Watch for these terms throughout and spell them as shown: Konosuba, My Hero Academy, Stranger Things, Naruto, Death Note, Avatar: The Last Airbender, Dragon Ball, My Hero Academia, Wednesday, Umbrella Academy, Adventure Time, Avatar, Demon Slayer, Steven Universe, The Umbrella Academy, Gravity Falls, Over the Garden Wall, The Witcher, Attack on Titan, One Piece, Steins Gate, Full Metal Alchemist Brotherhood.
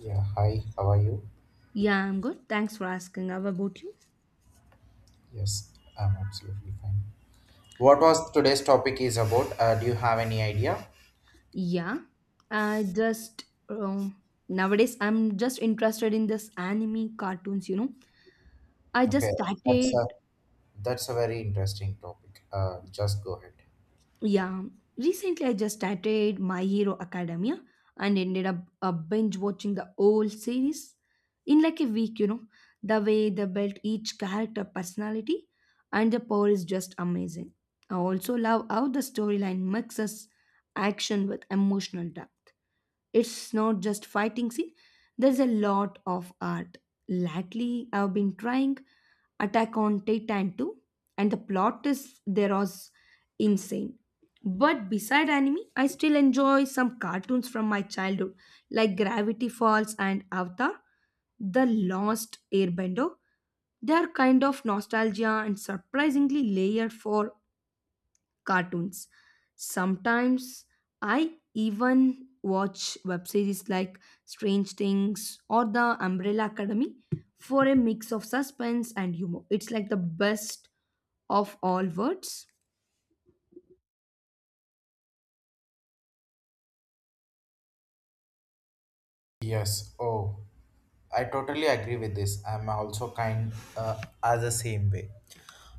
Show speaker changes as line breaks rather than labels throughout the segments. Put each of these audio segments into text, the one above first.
Yeah, hi, how are you?
Yeah, I'm good. Thanks for asking. How about you?
Yes, I'm absolutely fine. What was today's topic is about? Do you have any idea?
Yeah, I just nowadays I'm just interested in this anime cartoons. You know, I just
Okay, that's a
started.
that's a very interesting topic. Just go ahead.
Yeah, recently I just started My Hero Academia and ended up binge watching the whole series in like a week. You know, the way they built each character personality and the power is just amazing. I also love how the storyline mixes action with emotional depth. It's not just fighting scene, there's a lot of art. Lately, I've been trying Attack on Titan 2, and the plot is there was insane. But beside anime, I still enjoy some cartoons from my childhood, like Gravity Falls and Avatar, The Lost Airbender. They are kind of nostalgia and surprisingly layered for cartoons. Sometimes I even watch web series like Strange Things or The Umbrella Academy for a mix of suspense and humor. It's like the best of all worlds.
Yes. Oh, I totally agree with this. I'm also kind as the same way.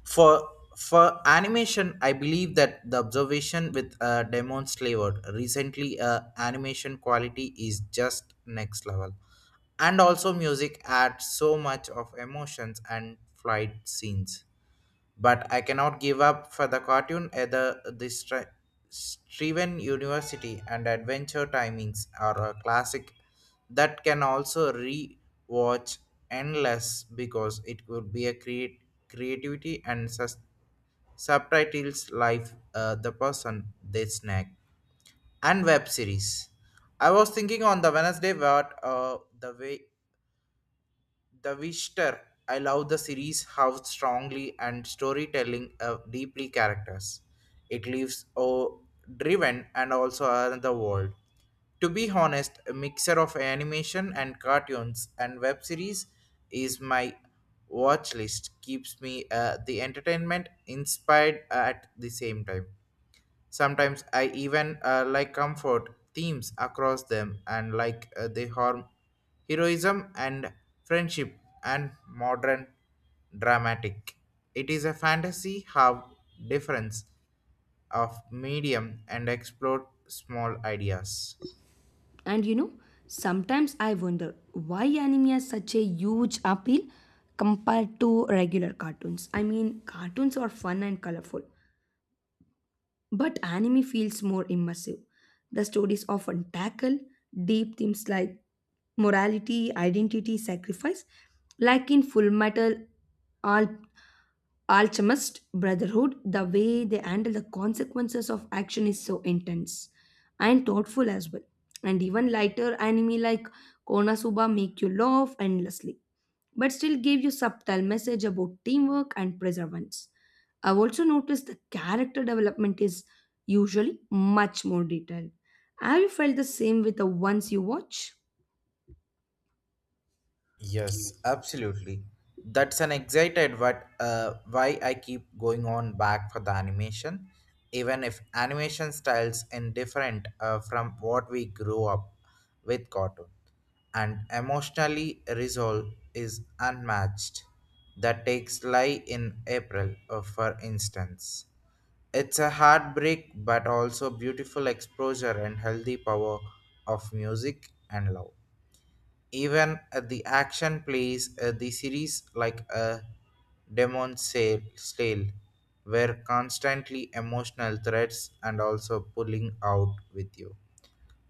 For for animation, I believe that the observation with Demon Slayer recently, animation quality is just next level, and also music adds so much of emotions and flight scenes. But I cannot give up for the cartoon either. Striven University and Adventure Timings are a classic that can also re-watch endless because it would be a create creativity and subtitles life, the person they snack and web series. I was thinking on the Wednesday what, the way the Visitor. I love the series how strongly and storytelling, deeply characters. It leaves, oh, driven and also another world. To be honest, a mixer of animation and cartoons and web series is my watch list. Keeps me, the entertainment inspired at the same time. Sometimes I even, like comfort themes across them and like, they harm heroism and friendship and modern dramatic. It is a fantasy how difference of medium and explore small ideas.
And you know, sometimes I wonder why anime has such a huge appeal compared to regular cartoons. I mean, cartoons are fun and colorful, but anime feels more immersive. The stories often tackle deep themes like morality, identity, sacrifice, like in Full Metal Al- Alchemist Brotherhood. The way they handle the consequences of action is so intense and thoughtful as well. And even lighter anime like Konosuba make you laugh endlessly but still gave you subtle message about teamwork and perseverance. I've also noticed the character development is usually much more detailed. Have you felt the same with the ones you watch?
Yes, absolutely. That's an excited what, why I keep going on back for the animation, even if animation styles in different, from what we grew up with cartoon, and emotionally resolve is unmatched. That takes lie in April, for instance. It's a heartbreak, but also beautiful exposure and healthy power of music and love, even at the action plays, the series like a demon sale stale were constantly emotional threats and also pulling out with you.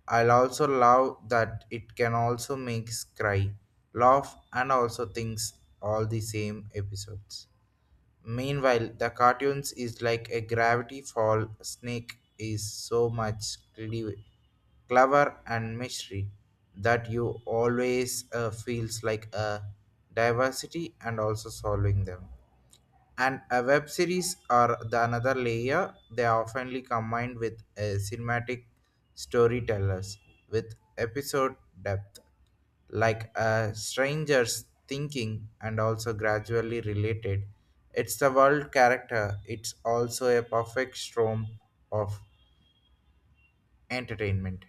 I'll also love that it can also makes cry, laugh, and also things all the same episodes. Meanwhile, the cartoons is like a gravity fall. Snake is so much clever and mystery that you always, feels like a diversity and also solving them, and a web series are the another layer. They are oftenly combined with a cinematic storytellers with episode depth, like a stranger's thinking and also gradually related. It's the world character. It's also a perfect storm of entertainment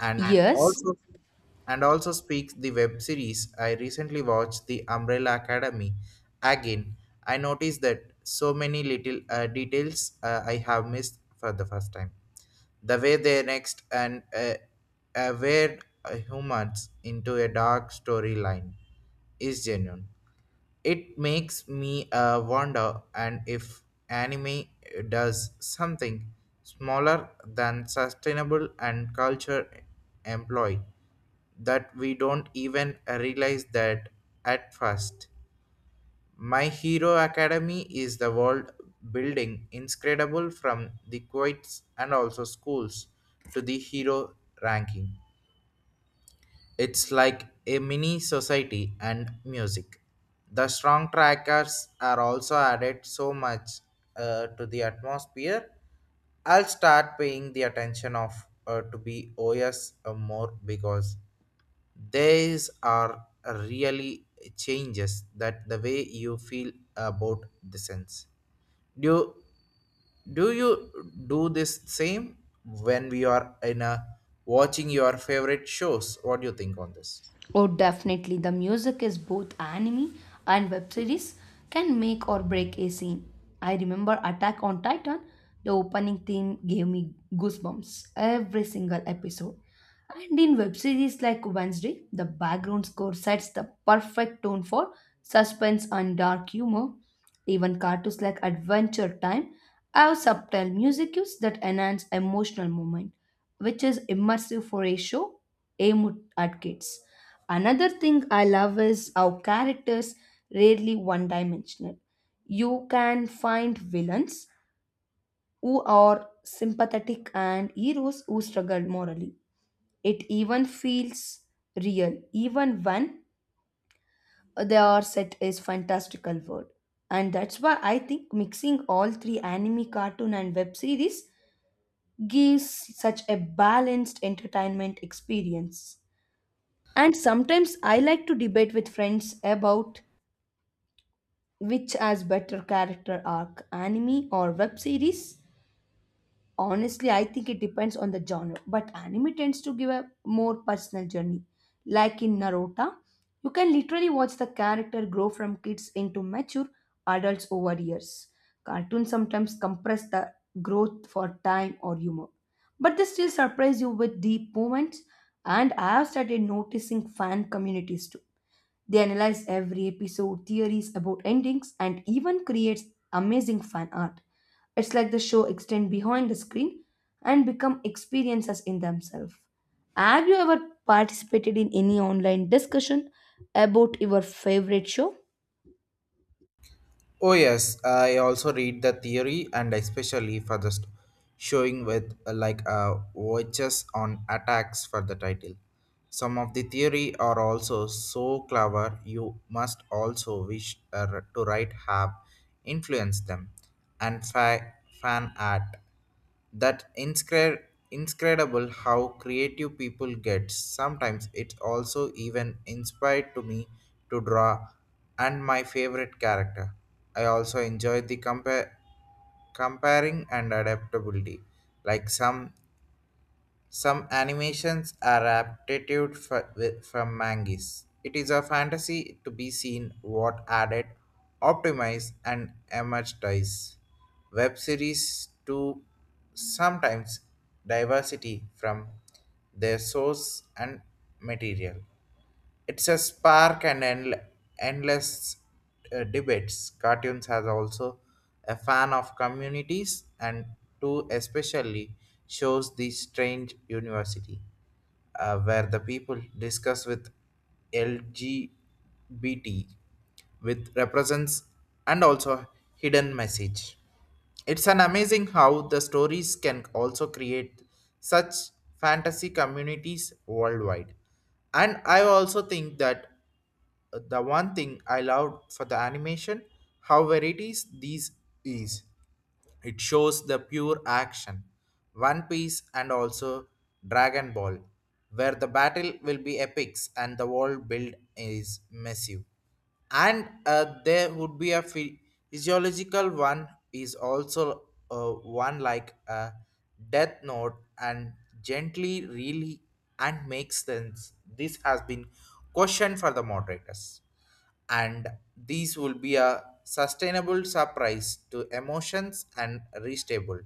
and
Yes,
also, and also speaks the web series. I recently watched The Umbrella Academy again. I noticed that so many little, details, I have missed for the first time, the way they next and, where humans into a dark storyline is genuine. It makes me, wonder and if anime does something smaller than sustainable and culture employ that we don't even realize that at first. My Hero Academy is the world building incredible from the quotes and also schools to the hero ranking. It's like a mini society and music. The strong trackers are also added so much, to the atmosphere. I'll start paying the attention of, to be OS more because these are really changes that the way you feel about the sense. Do do you do this same when we are in a watching your favorite shows? What do you think on this?
oh, definitely. The music is both anime and web series can make or break a scene. I remember Attack on Titan, the opening theme gave me goosebumps every single episode. And in web series like Wednesday, the background score sets the perfect tone for suspense and dark humor. Even cartoons like Adventure Time have subtle music cues that enhance emotional moment, which is immersive for a show aimed at kids. Another thing I love is how characters rarely one dimensional. You can find villains who are sympathetic and heroes who struggle morally. It even feels real, even when they are set as fantastical world. And that's why I think mixing all three anime, cartoon, and web series gives such a balanced entertainment experience. And sometimes I like to debate with friends about which has better character arc, anime or web series? Honestly, I think it depends on the genre, but anime tends to give a more personal journey. Like in Naruto, you can literally watch the character grow from kids into mature adults over years. Cartoons sometimes compress the growth for time or humor, but they still surprise you with deep moments. And I have started noticing fan communities too, they analyze every episode, theories about endings, and even creates amazing fan art. It's like the show extend behind the screen and become experiences in themselves. Have you ever participated in any online discussion about your favorite show?
Oh yes, I also read the theory and especially for the showing with, like, watches on attacks for the title. Some of the theory are also so clever you must also wish, to write have influenced them and fan art that inscredible how creative people get. Sometimes it also even inspired to me to draw and my favorite character. I also enjoy the compare comparing and adaptability, like some animations are adapted from mangas. It is a fantasy to be seen what added, optimized, and emerged. Web series to sometimes diversity from their source and material. It's a spark and endless, debates. Cartoons has also a fan of communities and too, especially shows the strange university, where the people discuss with LGBT with represents and also hidden message. It's an amazing how the stories can also create such fantasy communities worldwide. And I also think that, the one thing I loved for the animation, how varieties these is. It shows the pure action. One Piece and also Dragon Ball, where the battle will be epics and the world build is massive. And, there would be a physiological one is also, one like a death note and gently really and makes sense. This has been questioned for the moderators and these will be a sustainable surprise to emotions and restable.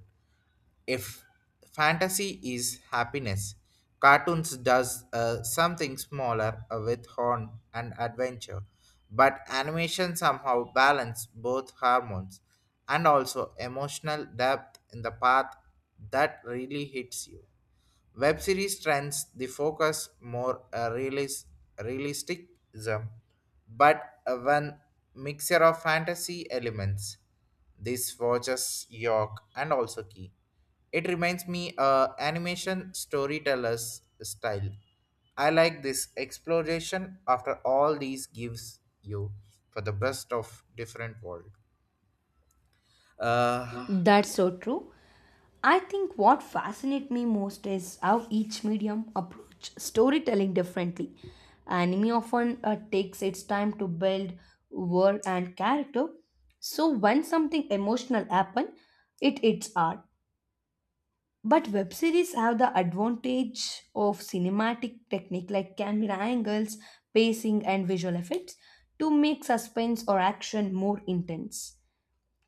If fantasy is happiness, cartoons does, something smaller, with horn and adventure, but animation somehow balance both hormones and also emotional depth in the path that really hits you. Web series trends the focus more, realisticism, but, one mixture of fantasy elements. This watches York and also Key. It reminds me, animation storyteller's style. I like this exploration after all these gives you for the best of different world. Uh,
That's so true. I think what fascinates me most is how each medium approach storytelling differently. Anime often takes its time to build world and character, so when something emotional happen, it's hard. But web series have the advantage of cinematic technique like camera angles, pacing, and visual effects to make suspense or action more intense.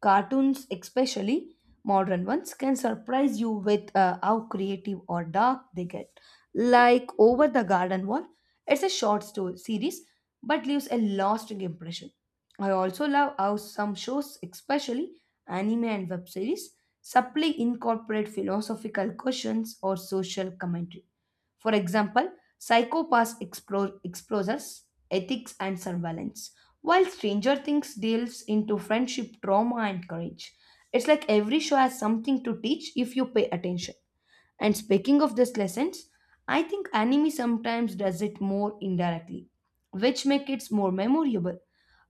Cartoons, especially modern ones, can surprise you with how creative or dark they get. Like Over the Garden Wall, it's a short story series but leaves a lasting impression. I also love how some shows, especially anime and web series, subtly incorporate philosophical questions or social commentary. For example, explores ethics and surveillance, while Stranger Things deals into friendship, trauma, and courage. It's like every show has something to teach if you pay attention. And speaking of these lessons, I think anime sometimes does it more indirectly, which makes it more memorable.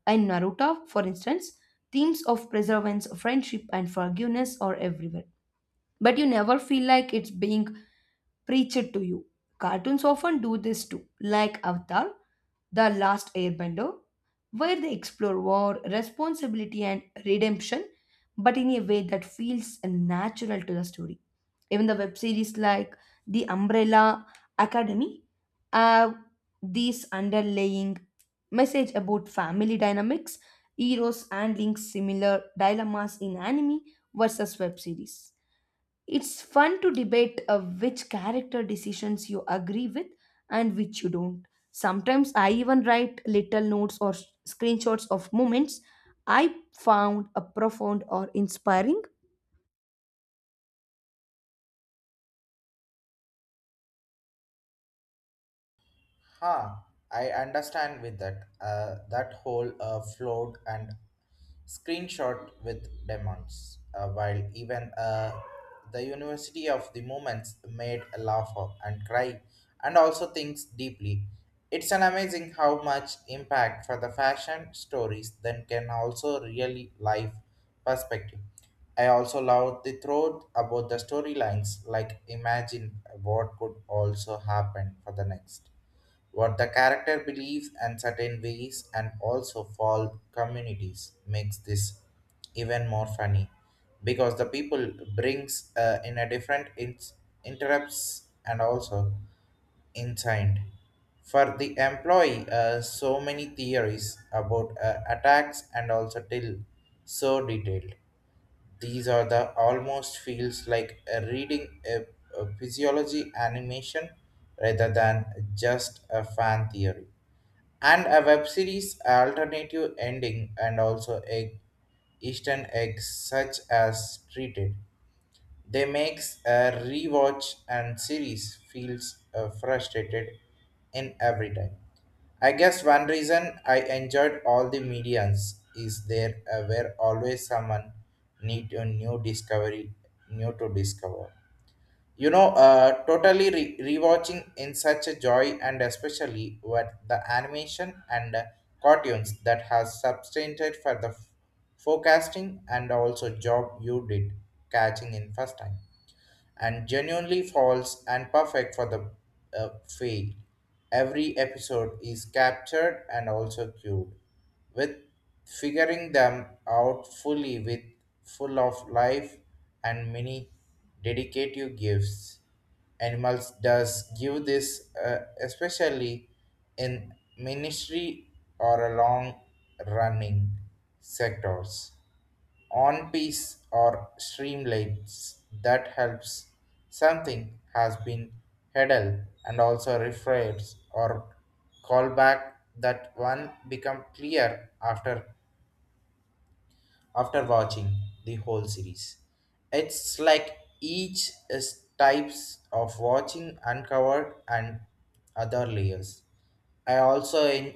In Naruto, for instance, themes of perseverance, friendship, and forgiveness are everywhere. But you never feel like it's being preach it to you. Cartoons often do this too, like Avatar, The Last Airbender, where they explore war, responsibility, and redemption, but in a way that feels natural to the story. Even the web series like The Umbrella Academy have this underlying message about family dynamics, heroes handling similar dilemmas in anime versus web series. It's fun to debate which character decisions you agree with and which you don't. Sometimes I even write little notes or screenshots of moments I found a profound or inspiring.
Huh, I understand with that. That whole, float and screenshot with demons. While even, the University of the Moments made a laugh of and cry and also thinks deeply. It's an amazing how much impact for the fashion stories then can also really life perspective. I also love the thought about the storylines, like imagine what could also happen for the next, what the character believes and certain ways, and also fall communities makes this even more funny because the people brings, in a different interrupts and also inside for the employee, so many theories about, attacks and also till so detailed. These are the almost feels like a reading a physiology animation rather than just a fan theory. And a web series alternative ending and also egg Eastern eggs such as treated. They makes a rewatch and series feels, frustrated in every time. I guess one reason I enjoyed all the mediums is there, were always someone need a new discovery, new to discover. You know, rewatching in such a joy, and especially with the animation and, cartoons that has substantiated for the forecasting and also job you did catching in first time, and genuinely false and perfect for the, fail. Every episode is captured and also cured with figuring them out fully with full of life and many dedicative gifts. Animals does give this, especially in ministry or a long running sectors on piece or streamlines that helps something has been headed and also refers or callback that one become clear after watching the whole series. It's like each is types of watching uncovered and other layers. i also en-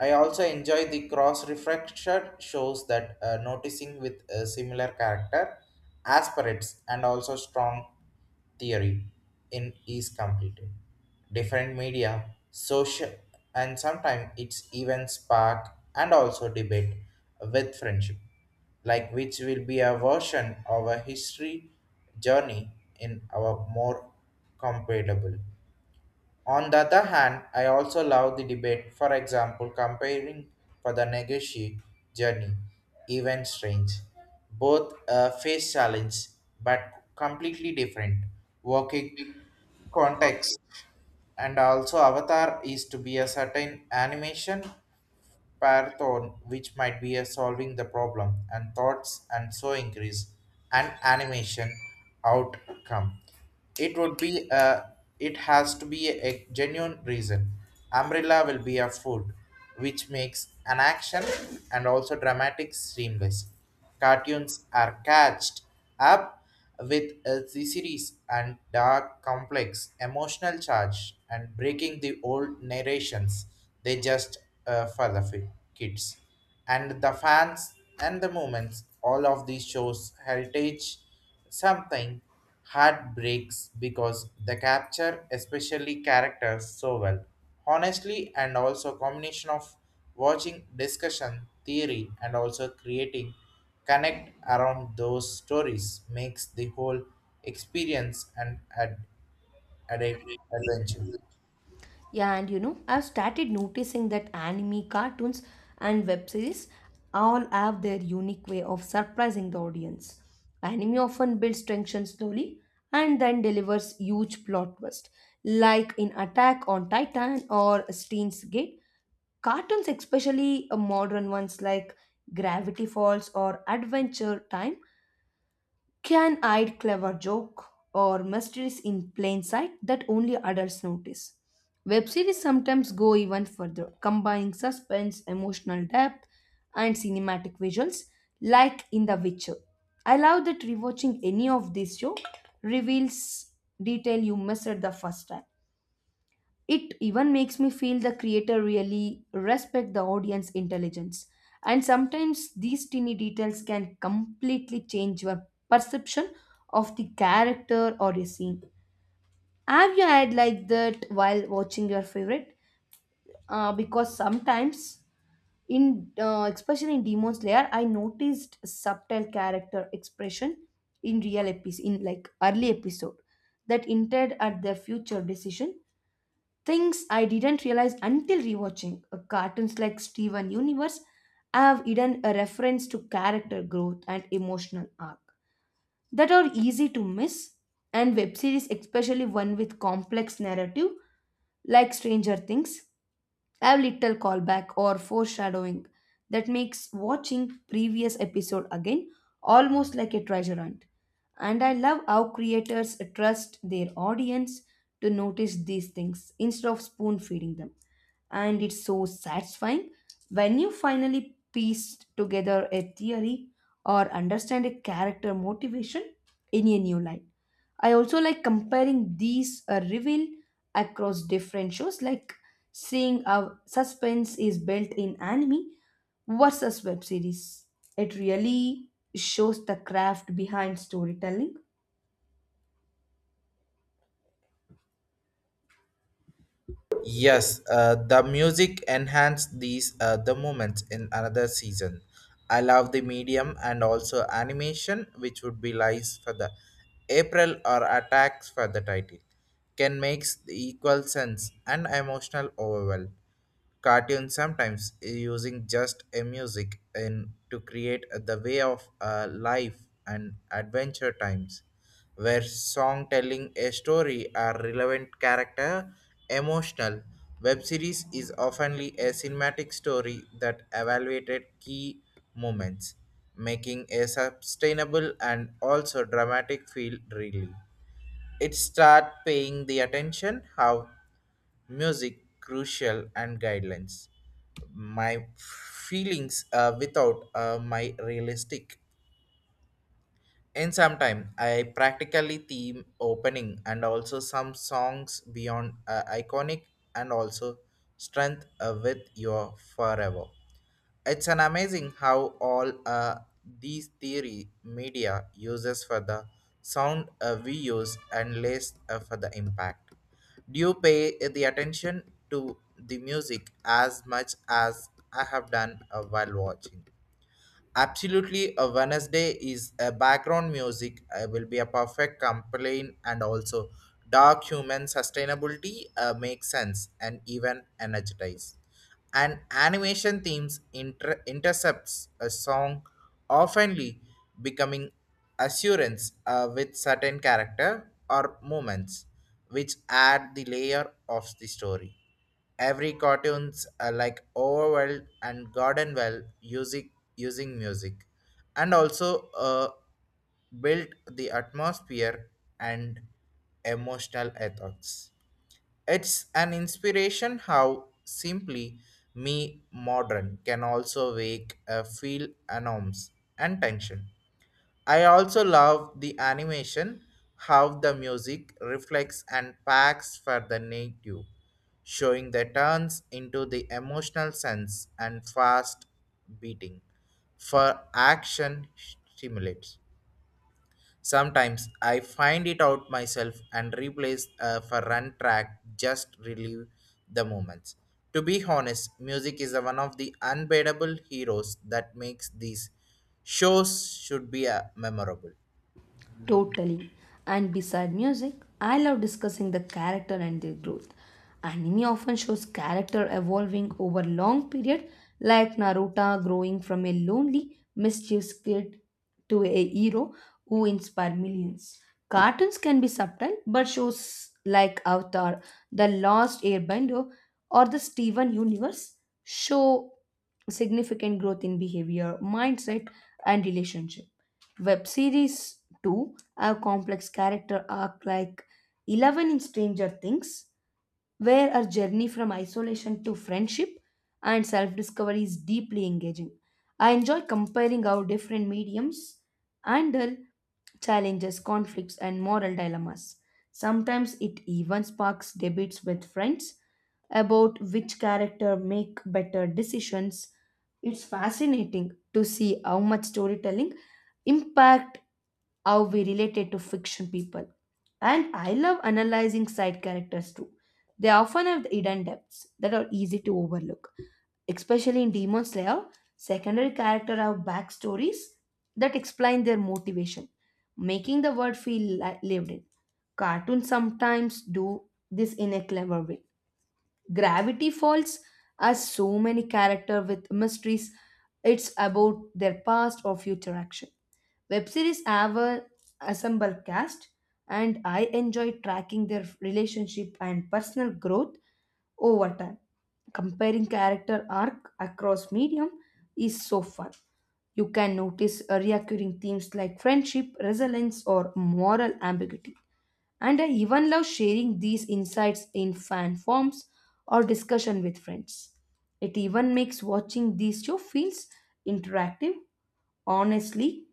I also enjoy the cross refraction shows that, noticing with a similar character, aspirates, and also strong theory in is completed. Different media, social, and sometimes it's even spark and also debate with friendship, like which will be a version of a history journey in our more compatible. On the other hand, I also love the debate, for example, comparing for the negotiate journey, even strange. Both, face challenge, but completely different working context. And also, Avatar is to be a certain animation Python, which might be a solving the problem, and thoughts and so increase and animation outcome. It would be a, it has to be a genuine reason. Umbrella will be a food, which makes an action and also dramatic seamless. Cartoons are catched up with, the series and dark, complex, emotional charge and breaking the old narrations. They just, kids and the fans and the moments. All of these shows heritage something heartbreaks because they capture especially characters so well honestly, and also combination of watching discussion theory and also creating connect around those stories makes the whole experience an ad- adventure.
Yeah, and you know, I've started noticing that anime, cartoons, and web series all have their unique way of surprising the audience. Anime often builds tension slowly and then delivers huge plot twist, like in Attack on Titan or Steins Gate. Cartoons, especially modern ones like Gravity Falls or Adventure Time, can hide clever joke or mysteries in plain sight that only adults notice. Web series sometimes go even further, combining suspense, emotional depth, and cinematic visuals, like in The Witcher. I love that rewatching any of this show reveals detail you missed the first time. It even makes me feel the creator really respect the audience intelligence. And sometimes these teeny details can completely change your perception of the character or a scene. Have you had like that while watching your favorite? Because sometimes in especially in Demon Slayer, I noticed subtle character expression in real episode in like early episode that hinted at their future decision. Things I didn't realize until rewatching cartoons like Steven Universe have hidden a reference to character growth and emotional arc that are easy to miss, and web series, especially one with complex narrative like Stranger Things, have little callback or foreshadowing that makes watching previous episode again almost like a treasure hunt. And I love how creators trust their audience to notice these things instead of spoon feeding them. And it's so satisfying when you finally piece together a theory or understand a character motivation in a new light. I also like comparing these reveal across different shows like seeing how suspense is built in anime versus web series. It really shows the craft behind storytelling.
Yes, the music enhanced these, the moments in another season. I love the medium and also animation, which would be lies for the April or attacks for the title, can makes the equal sense and emotional overwhelm. Cartoons sometimes, using just a music and to create the way of, life and adventure times where song telling a story are relevant character emotional. Web series is oftenly a cinematic story that evaluated key moments, making a sustainable and also dramatic feel really. It start paying the attention how music crucial and guidelines my feelings, without my realistic. In some time I practically theme opening and also some songs beyond, iconic and also strength, with your forever. It's an amazing how all, these theory media uses for the sound, we use and less, for the impact. Do you pay, the attention to the music as much as I have done, while watching? Absolutely, a Wednesday is a background music. Will be a perfect complaint and also dark human sustainability makes sense and even energized. And animation themes intercepts a song, oftenly becoming assurance with certain character or moments, which add the layer of the story. Every cartoons are like Overwell and Gardenwell using music, and also built the atmosphere and emotional ethos. It's an inspiration how simply me modern can also wake a feel alarms and tension. I also love the animation, how the music reflects and packs for the native, showing the turns into the emotional sense and fast beating for action stimulates. Sometimes I find it out myself and replace for run track just relieve the moments. To be honest, music is one of the unbeatable heroes that makes these shows should be memorable.
Totally. And beside music, I love discussing the character and their growth. Anime often shows character evolving over long period, like Naruto growing from a lonely, mischievous kid to a hero who inspire millions. Cartoons can be subtle, but shows like Avatar, The Lost Airbender, or the Steven Universe show significant growth in behavior, mindset, and relationship. Web series too have complex character arc like Eleven in Stranger Things, where her journey from isolation to friendship and self-discovery is deeply engaging. I enjoy comparing how different mediums handle challenges, conflicts, and moral dilemmas. Sometimes it even sparks debates with friends about which character make better decisions. It's fascinating to see how much storytelling impact how we related to fiction people. And I love analyzing side characters too. They often have hidden depths that are easy to overlook. Especially in Demon Slayer, secondary characters have backstories that explain their motivation, making the world feel lived in. Cartoons sometimes do this in a clever way. Gravity Falls has so many characters with mysteries. It's about their past or future action. Web series have a assemble cast, and I enjoy tracking their relationship and personal growth over time. Comparing character arc across medium is so fun. You can notice recurring themes like friendship, resilience, or moral ambiguity. And I even love sharing these insights in fan forms or discussion with friends. It even makes watching these show feels interactive, honestly,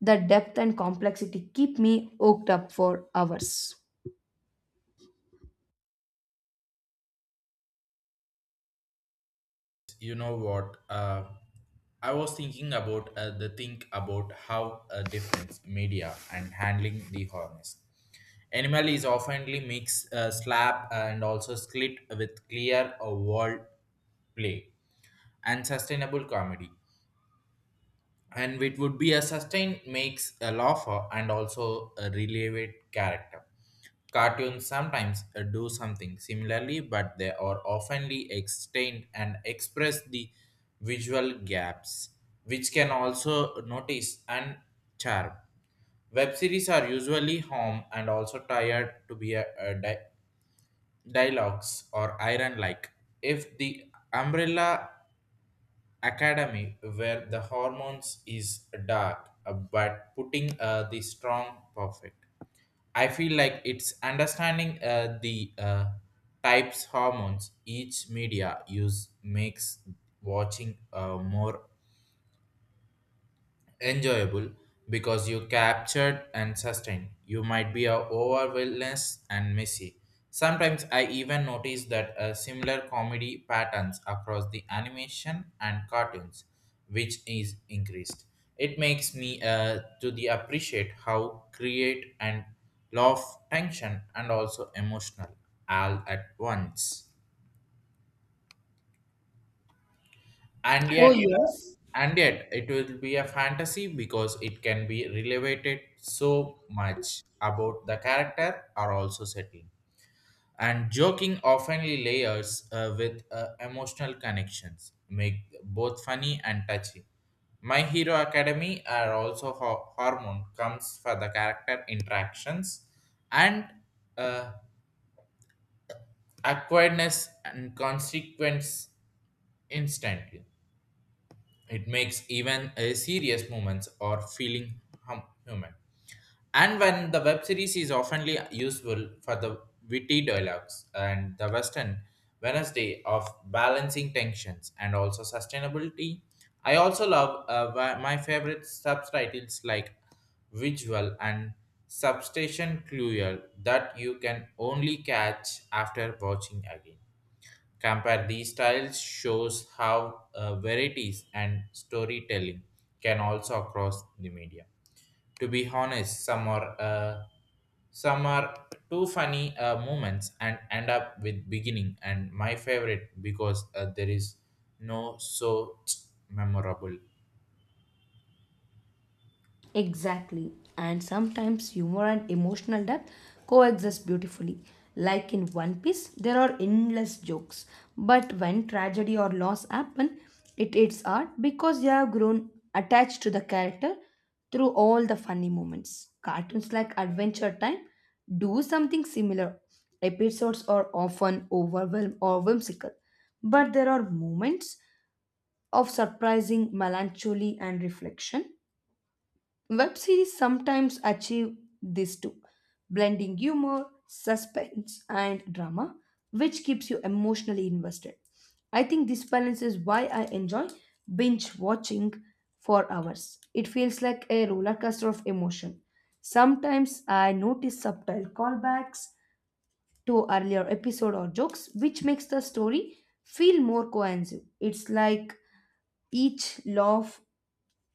the depth and complexity keep me hooked up for hours.
You know what? I was thinking about the think about how difference media and handling the harness animal is oftenly mix slap and also split with clear world play and sustainable comedy, and it would be a sustain makes a laugher and also a relevant character. Cartoons sometimes do something similarly, but they are oftenly extend and express the visual gaps, which can also notice and charm. Web series are usually home and also tired to be a dialogues or iron like. If the umbrella academy where the hormones is dark but putting the strong perfect, I feel like it's understanding the types hormones each media use makes watching more enjoyable because you captured and sustained. You might be a overwhelmness and messy. Sometimes I even notice that similar comedy patterns across the animation and cartoons, which is increased. It makes me to the appreciate how create and love tension and also emotional all at once. and
Oh,
yet uh,
yes.
and yet it will be a fantasy because it can be related so much about the character are also setting, and joking often layers with emotional connections make both funny and touchy. My hero academy are also hormone comes for the character interactions and uh, awkwardness and consequence instantly. It makes even a serious moments or feeling human. And when the web series is oftenly useful for the witty dialogues and the Western Wednesday of balancing tensions and also sustainability, I also love my favorite subtitles like visual and substation cruel that you can only catch after watching again. Compare these styles shows how varieties and storytelling can also across the media. To be honest, some are too funny moments and end up with beginning and my favorite because there is no so memorable.
Exactly. And sometimes humor and emotional depth coexist beautifully. Like in One Piece, there are endless jokes. But when tragedy or loss happen, it hits hard because you have grown attached to the character through all the funny moments. Cartoons like Adventure Time do something similar. Episodes are often overwhelmed or whimsical, but there are moments of surprising melancholy and reflection. Web series sometimes achieve this too, blending humor, suspense, and drama, which keeps you emotionally invested. I think this balance is why I enjoy binge watching for hours. It feels like a roller coaster of emotion. Sometimes I notice subtle callbacks to earlier episode or jokes, which makes the story feel more cohesive. It's like each laugh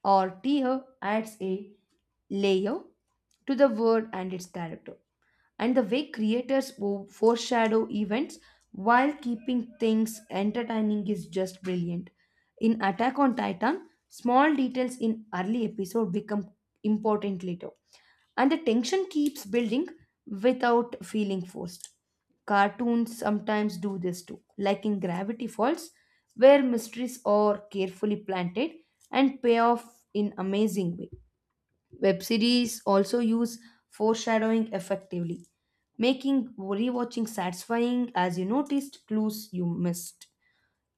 or tier adds a layer to the word and its character, and the way creators foreshadow events while keeping things entertaining is just brilliant. In Attack on Titan, small details in early episode become important later, and the tension keeps building without feeling forced. Cartoons sometimes do this too, like in Gravity Falls, where mysteries are carefully planted and pay off in amazing way. Web series also use foreshadowing effectively, making rewatching satisfying as you noticed clues you missed.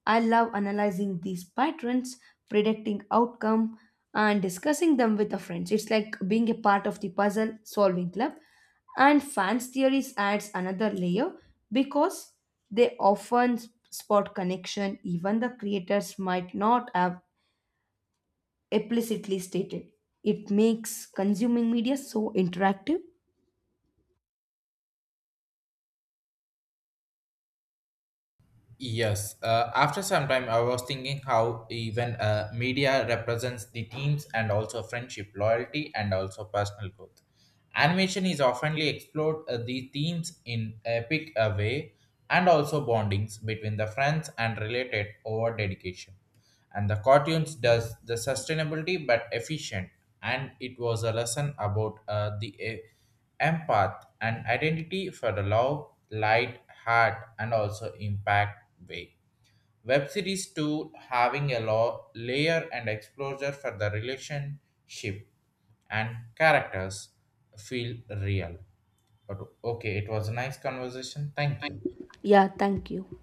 I love analyzing these patterns, predicting outcome, and discussing them with the friends. It's like being a part of the puzzle solving club. And fans theories adds another layer because they often spot connection even the creators might not have explicitly stated. It makes consuming media so interactive.
Yes. After some time, I was thinking how even media represents the teams and also friendship, loyalty, and also personal growth. Animation is oftenly explored the themes in epic way and also bondings between the friends and related over dedication. And the cartoons does the sustainability but efficient, and it was a lesson about the empath and identity for the love, light, heart, and also impact way. Web series 2 having a layer and exposure for the relationship and characters feel real. But okay, it was a nice conversation. Thank you.
Yeah, thank you.